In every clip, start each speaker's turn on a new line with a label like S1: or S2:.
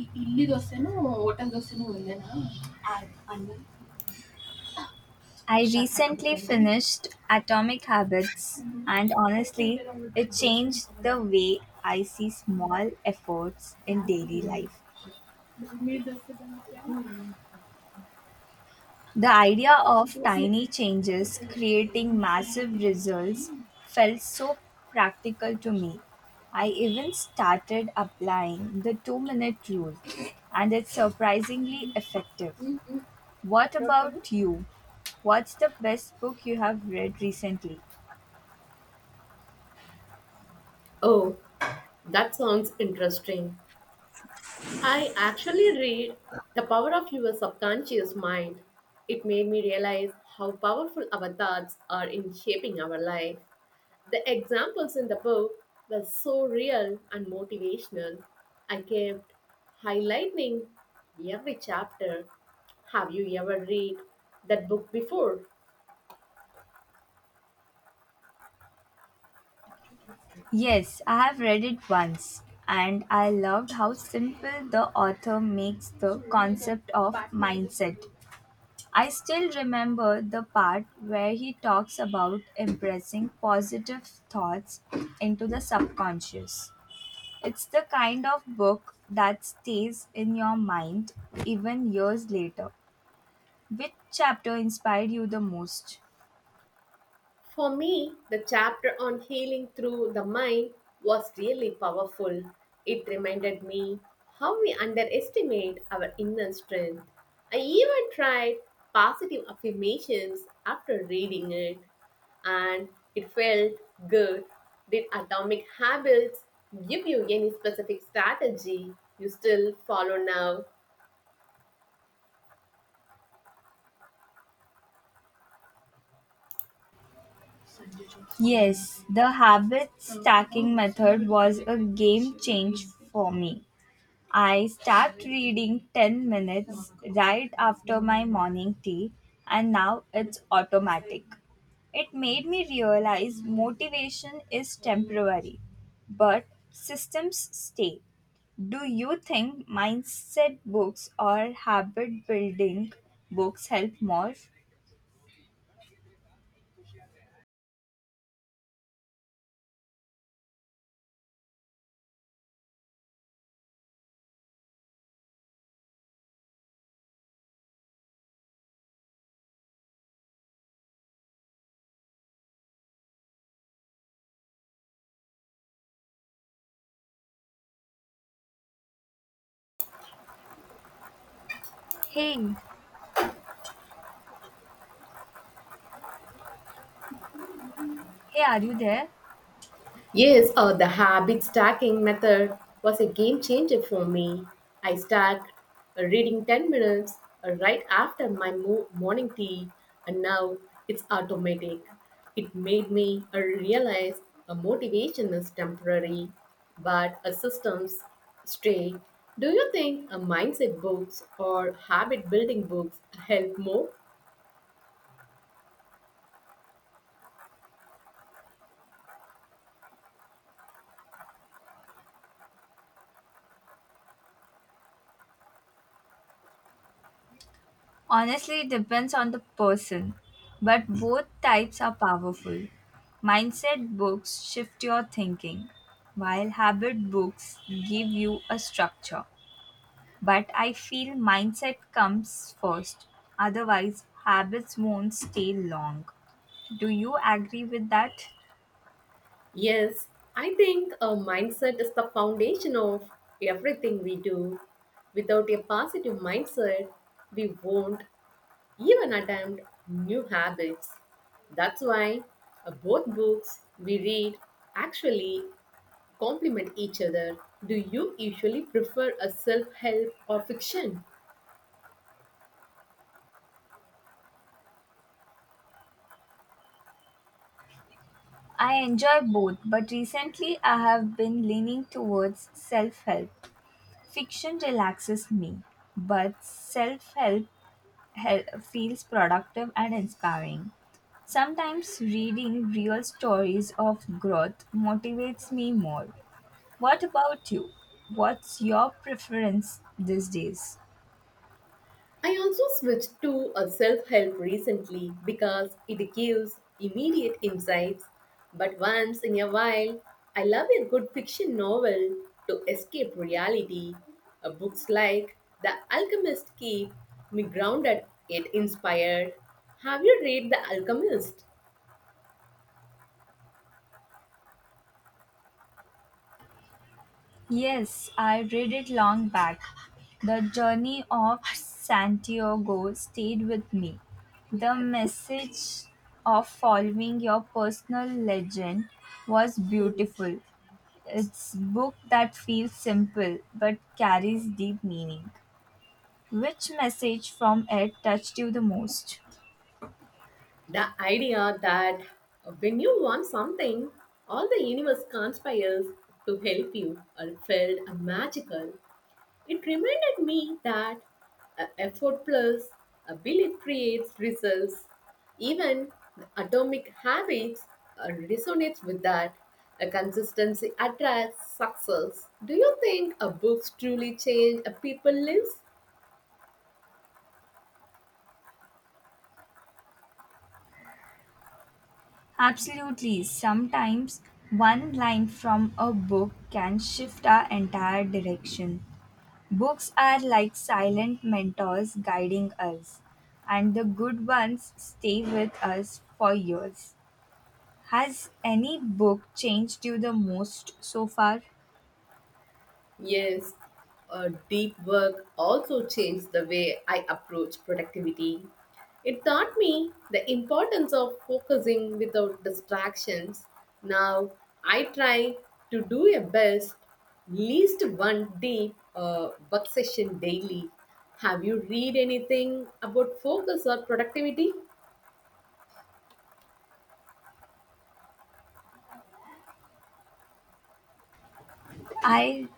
S1: E- ಇಲ್ಲಿ ದೋಸೆನೂ hotel ದೋಸೆನೂ ಒಂದೇನಾ ಆ- ಅನ್ನ I recently finished Atomic Habits, and honestly, it changed the way I see small efforts in daily life. ನೀರ್ ದೋಸೆ ಮತ್ತೆ The idea of tiny changes creating massive results felt so practical to me. I even started applying the 2-minute rule, and it's surprisingly effective. What about you? What's the best book you have read recently?
S2: Oh, that sounds interesting. I actually read The Power of Your Subconscious Mind. It made me realize how powerful our thoughts are in shaping our life. The examples in the book were so real and motivational. I kept highlighting every chapter. Have you ever read that book before?
S1: Yes, I have read it once, and I loved how simple the author makes the concept of mindset. I still remember the part where he talks about impressing positive thoughts into the subconscious. It's the kind of book that stays in your mind even years later. Which chapter inspired you the most?
S2: For me, the chapter on healing through the mind was really powerful. It reminded me how we underestimate our inner strength. I even tried positive affirmations after reading it, and it felt good. Did Atomic Habits give you any specific strategy you still follow now?
S1: Yes, the habit stacking method was a game change for me. I start reading 10 minutes right after my morning tea, and now it's automatic. It made me realize motivation is temporary, but systems stay. Do you think mindset books or habit building books help more? Hey, hey, are you there?
S2: Yes, the habit stacking method was a game changer for me. I stacked reading 10 minutes right after my morning tea, and now it's automatic. It made me realize a motivation is temporary, but a systems stay. Do you think a mindset books or habit building books help more?
S1: Honestly, it depends on the person, but both types are powerful. Mindset books shift your thinking, while habit books give you a structure. But I feel mindset comes first. Otherwise, habits won't stay long. Do you agree with that?
S2: Yes, I think a mindset is the foundation of everything we do. Without a positive mindset, we won't even attempt new habits. That's why both books we read actually complement each other. Do you usually prefer a self help or fiction?
S1: I enjoy both, but recently I have been leaning towards self help. Fiction relaxes me, but self help feels productive and inspiring. Sometimes reading real stories of growth motivates me more. What about you? What's your preference these days?
S2: I also switched to a self help recently because it gives immediate insights. But once in a while, I love a good fiction novel to escape reality. Books like The Alchemist keep me grounded yet inspired. Have you read The Alchemist?
S1: Yes, I read it long back. The journey of Santiago stayed with me. The message of following your personal legend was beautiful. It's book that feels simple but carries deep meaning. Which message from it touched you the most?
S2: The idea that when you want something, all the universe conspires to help you felt magical. It reminded me that effort plus a belief creates results. Even the atomic habits resonates with that. A consistency attracts success. Do you think a books truly change a people lives?
S1: Absolutely. Sometimes one line from a book can shift our entire direction. Books are like silent mentors guiding us, and the good ones stay with us for years. Has any book changed you the most so far?
S2: Yes, deep work also changed the way I approach productivity. It taught me the importance of focusing without distractions. Now I try to do a best, least one deep work session daily. Have you read anything about focus or productivity?
S1: I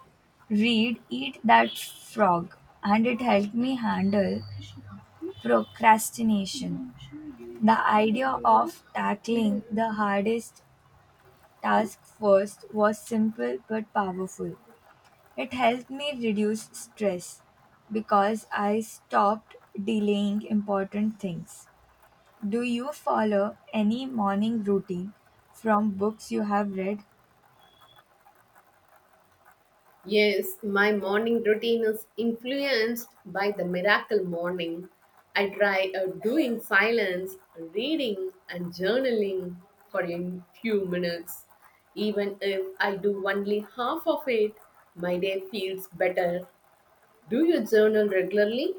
S1: read Eat That Frog and it helped me handle procrastination. The idea of tackling the hardest task first was simple but powerful. It helped me reduce stress because I stopped delaying important things. Do you follow any morning routine from books you have read?
S2: Yes, my morning routine is influenced by the miracle morning. I try doing silence, reading, and journaling for a few minutes. Even if I do only half of it, my day feels better. Do you journal regularly?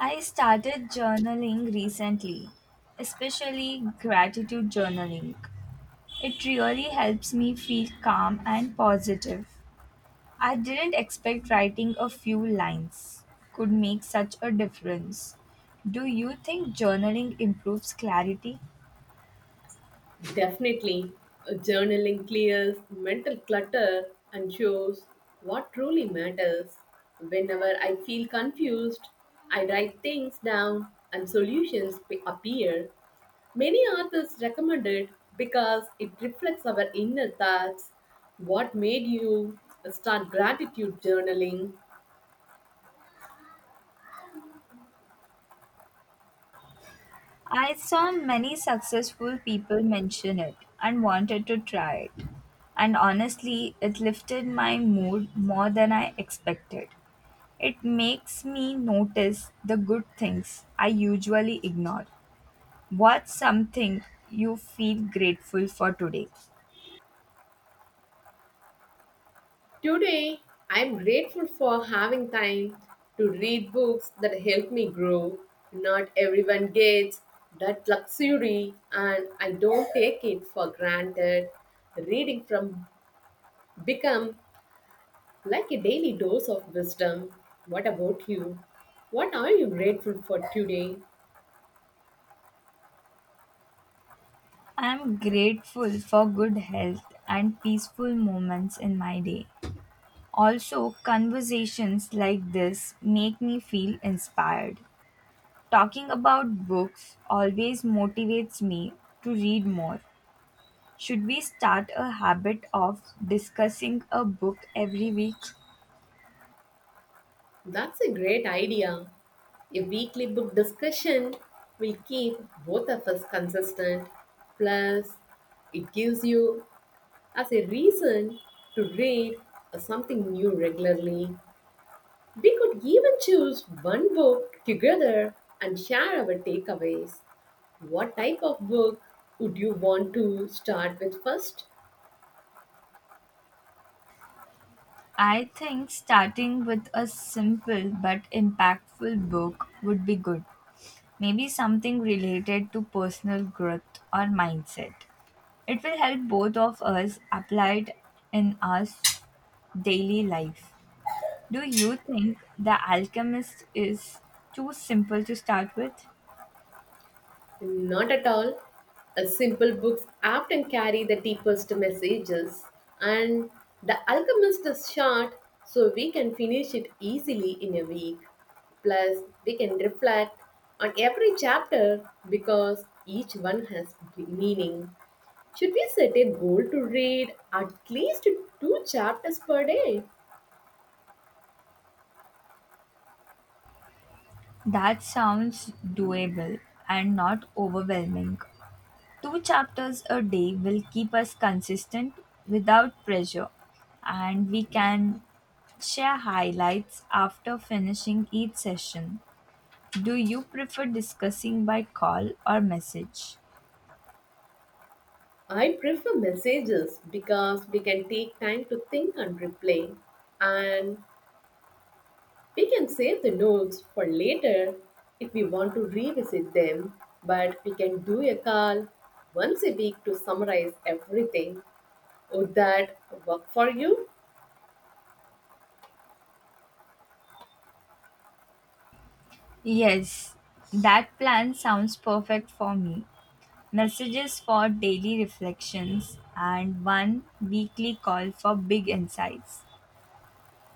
S1: I started journaling recently, especially gratitude journaling. It really helps me feel calm and positive. I didn't expect writing a few lines could make such a difference. Do you think journaling improves clarity?
S2: Definitely, journaling clears mental clutter and shows what truly matters. Whenever I feel confused, I write things down and solutions appear. Many authors recommend it because it reflects our inner thoughts. What made you start gratitude journaling?
S1: I saw many successful people mention it and wanted to try it. And honestly, it lifted my mood more than I expected. It makes me notice the good things I usually ignore. What's something you feel grateful for today?
S2: Today, I'm grateful for having time to read books that help me grow. Not everyone gets that luxury, and I don't take it for granted. Reading from become like a daily dose of wisdom. What about you? What are you grateful for today?
S1: I'm grateful for good health and peaceful moments in my day. Also, conversations like this make me feel inspired. Talking about books always motivates me to read more. Should we start a habit of discussing a book every week?
S2: That's a great idea. A weekly book discussion will keep both of us consistent. Plus, it gives you as a reason to read something new regularly. We could even choose one book together and share our takeaways. What type of book would you want to start with first?
S1: I think starting with a simple but impactful book would be good. Maybe something related to personal growth or mindset. It will help both of us apply it in our daily life. Do you think The Alchemist is too simple to start with?
S2: Not at all. A simple books often carry the deepest messages, and The Alchemist is short, so we can finish it easily in a week. Plus, we can reflect on every chapter because each one has meaning. Should we set a goal to read at least two chapters per day?
S1: That sounds doable and not overwhelming. Two chapters a day will keep us consistent without pressure, and we can share highlights after finishing each session. Do you prefer discussing by call or message?
S2: I prefer messages because we can take time to think and replay. And we can save the notes for later if we want to revisit them, but we can do a call once a week to summarize everything. Would that work for you?
S1: Yes, that plan sounds perfect for me. Messages for daily reflections and one weekly call for big insights.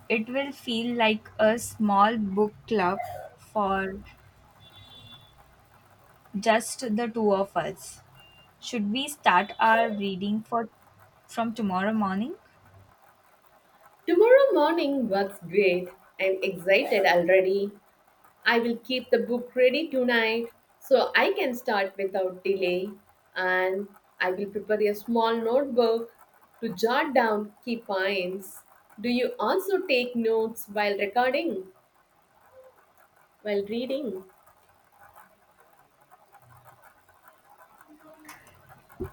S1: It will feel like a small book club for just the two of us. Should we start our reading for from tomorrow morning?
S2: Tomorrow morning works great. I'm excited already. I will keep the book ready tonight so I can start without delay. And I will prepare a small notebook to jot down key points. Do you also take notes while recording? While reading,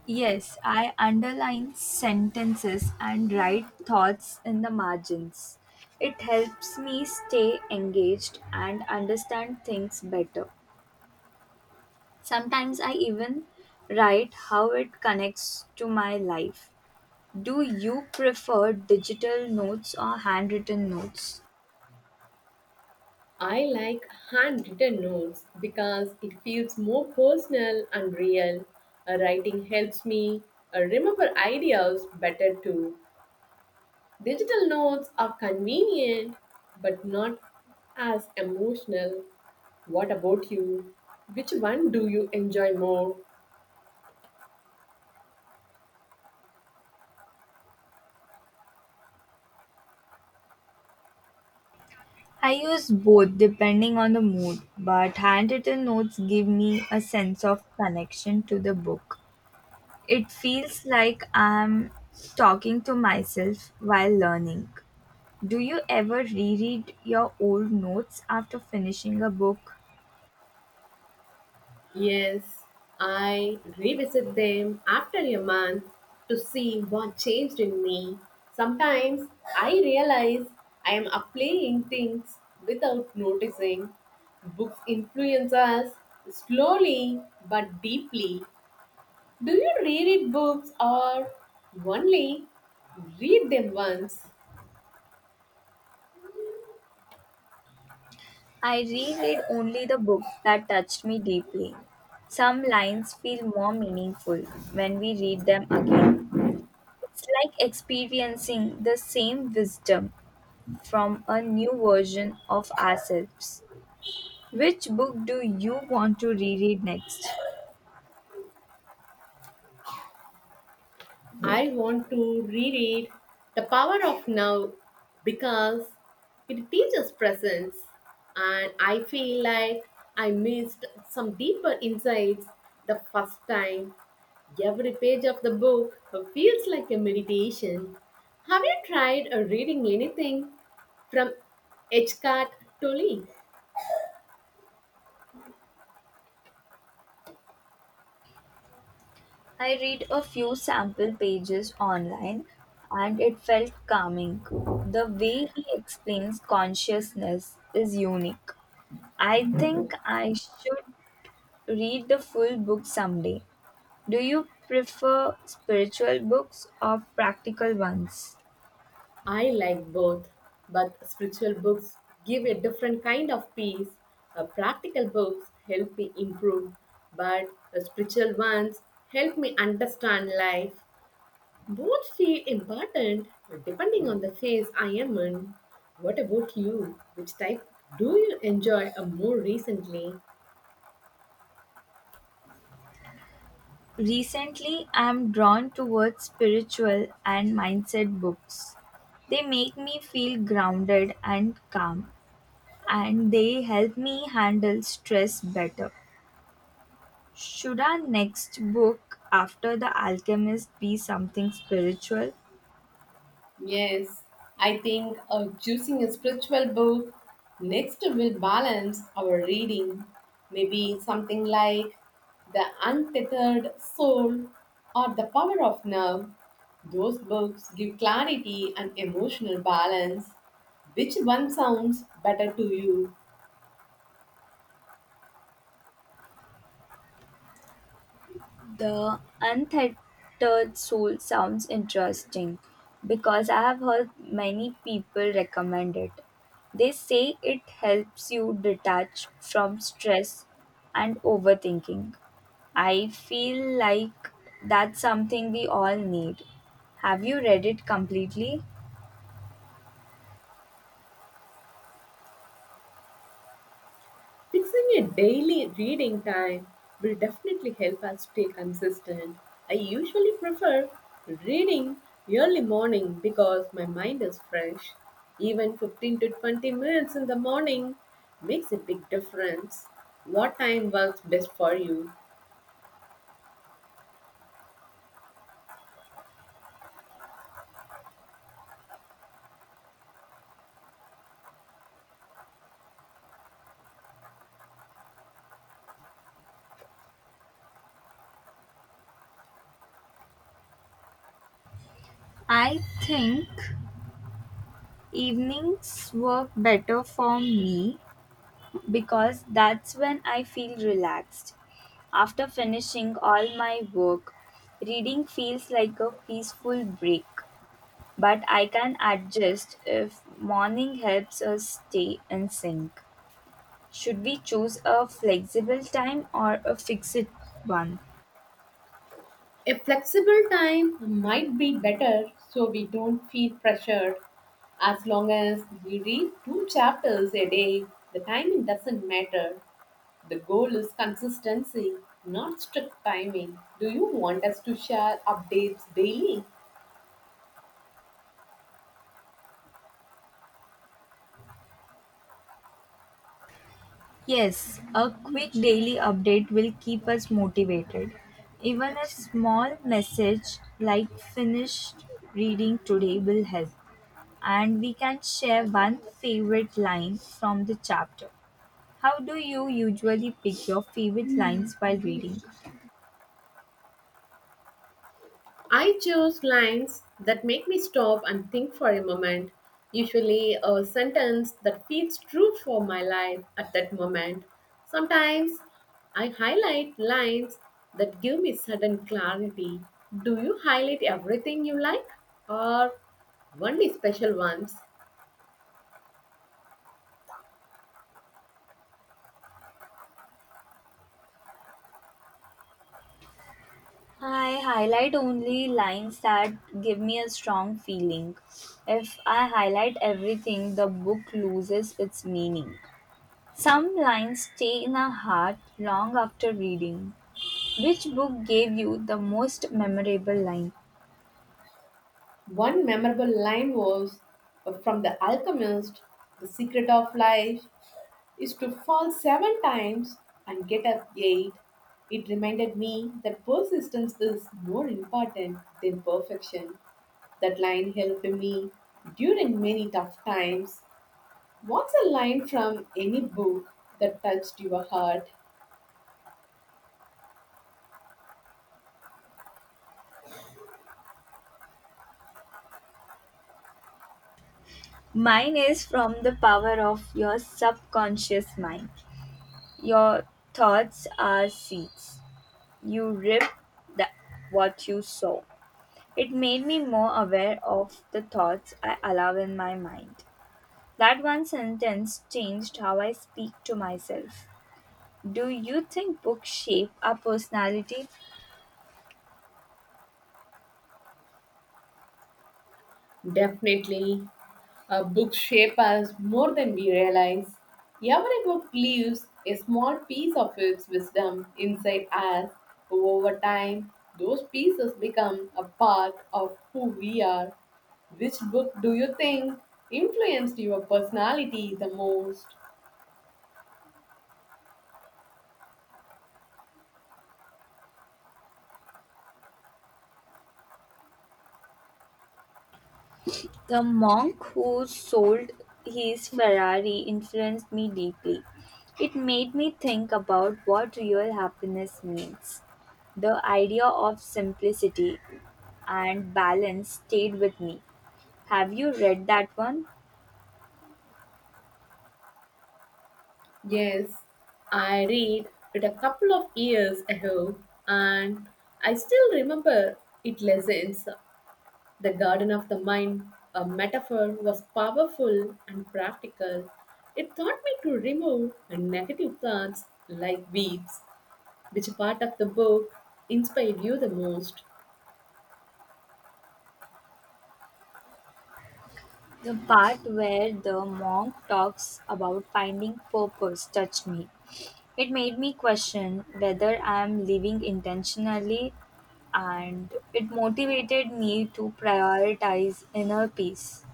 S1: Yes, I underline sentences and write thoughts in the margins. It helps me stay engaged and understand things better. Sometimes I even write how it connects to my life. Do you prefer digital notes or handwritten notes?
S2: I like handwritten notes because it feels more personal and real. Writing helps me remember ideas better too. Digital notes are convenient but not as emotional. What about you? Which one do you enjoy more?
S1: I use both depending on the mood, but handwritten notes give me a sense of connection to the book. It feels like I'm talking to myself while learning. Do you ever reread your old notes after finishing a book?
S2: Yes, I revisit them after a month to see what changed in me. Sometimes I realize I am applying things without noticing. Books influence us slowly but deeply. Do you reread books or only read them once?
S1: I reread only the books that touched me deeply. Some lines feel more meaningful when we read them again. It's like experiencing the same wisdom from a new version of ourselves. Which book do you want to reread next?
S2: I want to reread The Power of Now because it teaches presence, and I feel like I missed some deeper insights the first time. Every page of the book feels like a meditation. Have you tried reading anything from H. Cart Tolle?
S1: I read a few sample pages online and it felt calming. The way he explains consciousness is unique. I think I should read the full book someday. Do you prefer spiritual books or practical ones?
S2: I like both, but spiritual books give a different kind of peace. Practical books help me improve, but the spiritual ones help me understand life. Both feel important depending on the phase I am in. What about you? Which type do you enjoy more recently?
S1: Recently I'm drawn towards spiritual and mindset books. They make me feel grounded and calm, and they help me handle stress better. Should our next book after The Alchemist be something spiritual?
S2: Yes, I think choosing a spiritual book next will balance our reading. Maybe something like The Untethered Soul or The Power of Now. Those books give clarity and emotional balance. Which one sounds better to you?
S1: The untethered soul sounds interesting because I have heard many people recommend it. They say it helps you detach from stress and overthinking. I feel like that's something we all need. Have you read it completely?
S2: Fixing a daily reading time will definitely help us stay consistent. I usually prefer reading early morning because my mind is fresh. Even 15 to 20 minutes in the morning makes a big difference. What time works best for you?
S1: I think evenings work better for me because that's when I feel relaxed. After finishing all my work, reading feels like a peaceful break, but I can adjust if morning helps us stay in sync. Should we choose a flexible time or a fixed one?
S2: A flexible time might be better so we don't feel pressured. As long as we read two chapters a day, the timing doesn't matter. The goal is consistency, not strict timing. Do you want us to share updates daily?
S1: Yes, a quick daily update will keep us motivated. Even a small message like finished reading today will help. And we can share one favorite line from the chapter. How do you usually pick your favorite lines while reading?
S2: I choose lines that make me stop and think for a moment, usually a sentence that feels true for my life at that moment. Sometimes I highlight lines that give me sudden clarity. Do you highlight everything you like or only special ones?
S1: I highlight only lines that give me a strong feeling. If I highlight everything, the book loses its meaning. Some lines stay in our heart long after reading. Which book gave you the most memorable line?
S2: One memorable line was from The Alchemist: "The secret of life is to fall seven times and get up eight." It reminded me that persistence is more important than perfection. That line helped me during many tough times. What's a line from any book that touched your heart?
S1: Mine is from The Power of Your Subconscious Mind. Your thoughts are seeds. You rip the, what you sow. It made me more aware of the thoughts I allow in my mind. That one sentence changed how I speak to myself. Do you think books shape our personality?
S2: Definitely. Books shape us more than we realize. Every book leaves a small piece of its wisdom inside us. Over time, those pieces become a part of who we are. Which book do you think influenced your personality the most?
S1: The monk who sold his Ferrari influenced me deeply. It made me think about what real happiness means. The idea of simplicity and balance stayed with me. Have you read that one?
S2: Yes, I read it a couple of years ago and I still remember its lessons. The garden of the mind, a metaphor, was powerful and practical. It taught me to remove negative thoughts like weeds. Which part of the book inspired you the most?
S1: The part where the monk talks about finding purpose touched me. It made me question whether I am living intentionally, and it motivated me to prioritize inner peace.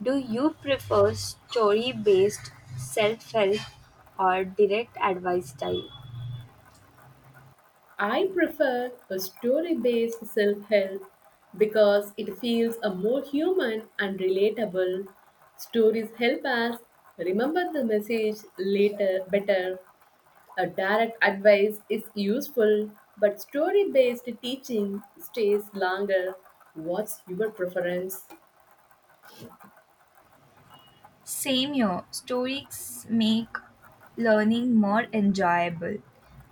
S1: Do you prefer story based self help or direct advice style?
S2: I prefer a story based self help because it feels a more human and relatable. Stories help us remember the message later better. A direct advice is useful, but story based teaching stays longer. What's your preference?
S1: Same here, stories make learning more enjoyable.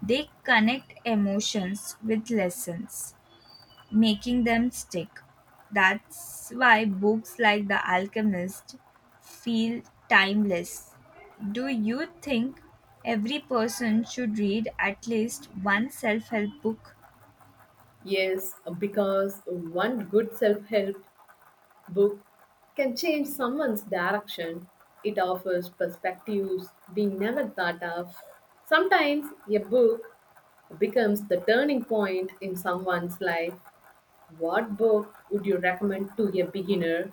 S1: They connect emotions with lessons, making them stick. That's why books like The Alchemist feel timeless. Do you think every person should read at least one self help book?
S2: Yes, because one good self help book can change someone's direction. It offers perspectives we never thought of. Sometimes a book becomes the turning point in someone's life. What book would you recommend to a beginner?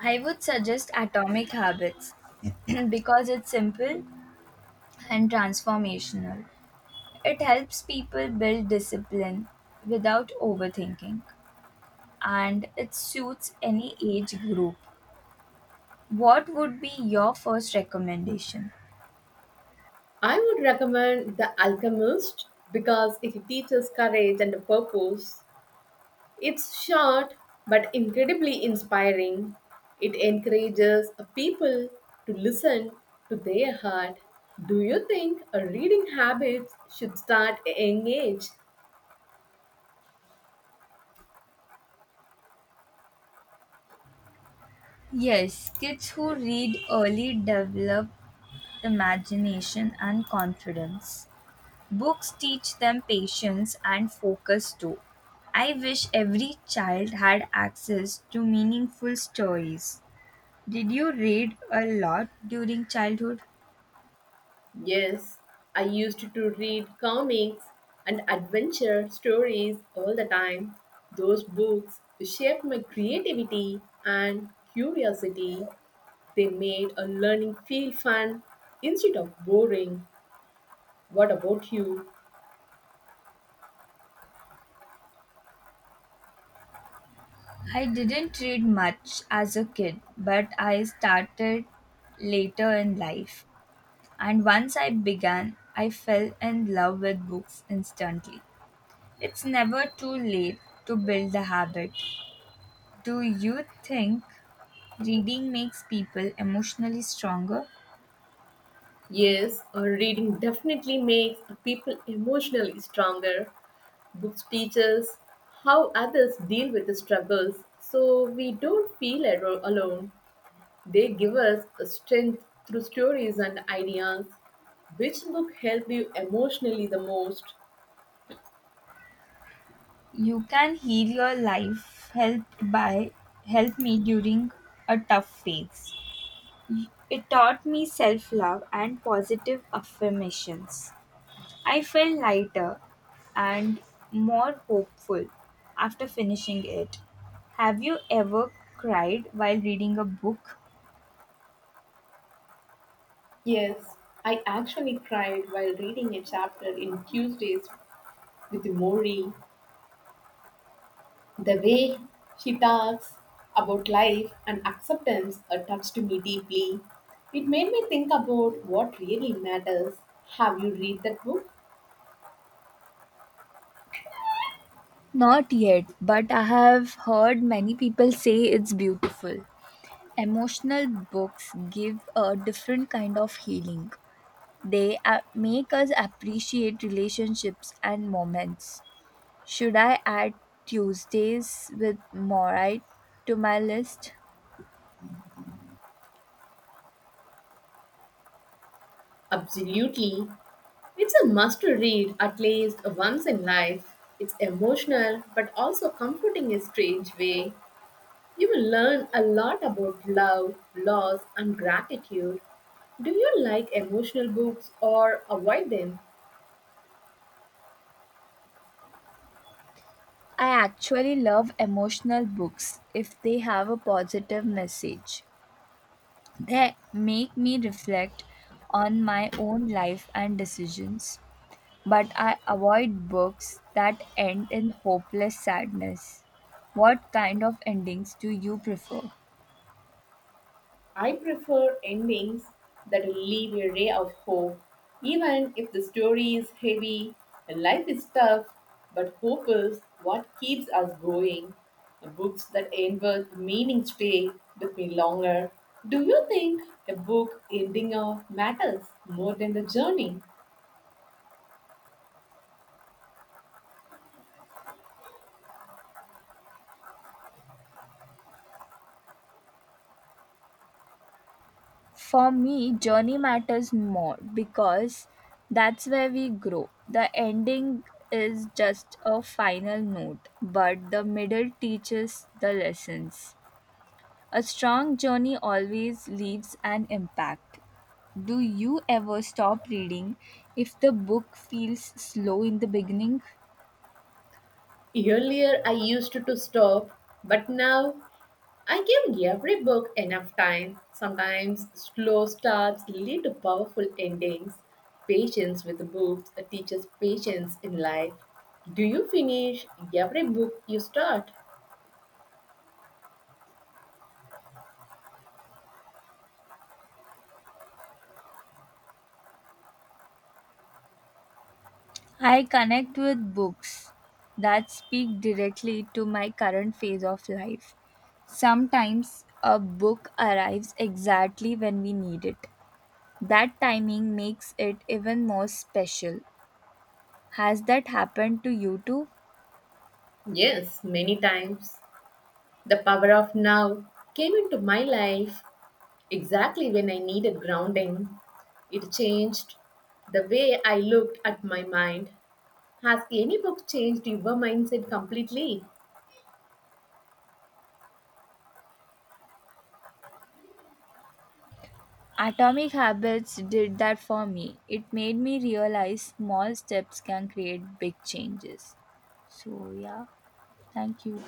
S1: I would suggest Atomic Habits because it's simple and transformational. It helps people build discipline without overthinking, and it suits any age group. What would be your first recommendation?
S2: I would recommend The Alchemist because it teaches courage and purpose. It's short but incredibly inspiring. It encourages people to listen to their heart. Do you think a reading habit should start at a young age?
S1: Yes, kids who read early develop imagination and confidence. Books teach them patience and focus too. I wish every child had access to meaningful stories. Did you read a lot during childhood?
S2: Yes, I used to read comics and adventure stories all the time. Those books shaped my creativity and curiosity. They made a learning feel fun instead of boring. What about you?
S1: I didn't read much as a kid, but I started later in life. And once I began, I fell in love with books instantly. It's never too late to build the habit. Do you think reading makes people emotionally stronger?
S2: Yes, reading definitely makes people emotionally stronger. Books teach us how others deal with the struggles so we don't feel alone. They give us a strength through stories and ideas. Which book helped you emotionally the most?
S1: You can heal your life helped by help me during a tough phase. It taught me self-love and positive affirmations. I felt lighter and more hopeful after finishing it. Have you ever cried while reading a book?
S2: Yes, I actually cried while reading a chapter in Tuesdays with Mori. The way she talks about life and acceptance touched me deeply. It made me think about what really matters. Have you read that book?
S1: Not yet, but I have heard many people say it's beautiful. Emotional books give a different kind of healing. They make us appreciate relationships and moments. Should I add Tuesdays with Morite to my list?
S2: Absolutely. It's a must to read at least once in life. It's emotional but also comforting in a strange way. You will learn a lot about love, loss, and gratitude. Do you like emotional books or avoid them?
S1: I actually love emotional books if they have a positive message. They make me reflect on my own life and decisions, but I avoid books that end in hopeless sadness. What kind of endings do you prefer?
S2: I prefer endings that leave a ray of hope. Even if the story is heavy and life is tough, but hope is what keeps us going. The books that end with meaning stay with me longer. Do you think a book ending of matters more than the journey?
S1: For me, journey matters more because that's where we grow. The ending is just a final note, but the middle teaches the lessons. A strong journey always leaves an impact. Do you ever stop reading if the book feels slow in the beginning?
S2: Earlier I used to stop, but now I give every book enough time. Sometimes slow starts lead to powerful endings. Patience with books teaches patience in life. Do you finish every book you start?
S1: I connect with books that speak directly to my current phase of life. Sometimes a book arrives exactly when we need it. That timing makes it even more special. Has that happened to you too?
S2: Yes, many times. The power of now came into my life exactly when I needed grounding. It changed the way I looked at my mind. Has any book changed your mindset completely?
S1: Atomic Habits did that for me. It made me realize small steps can create big changes. So, yeah, thank you.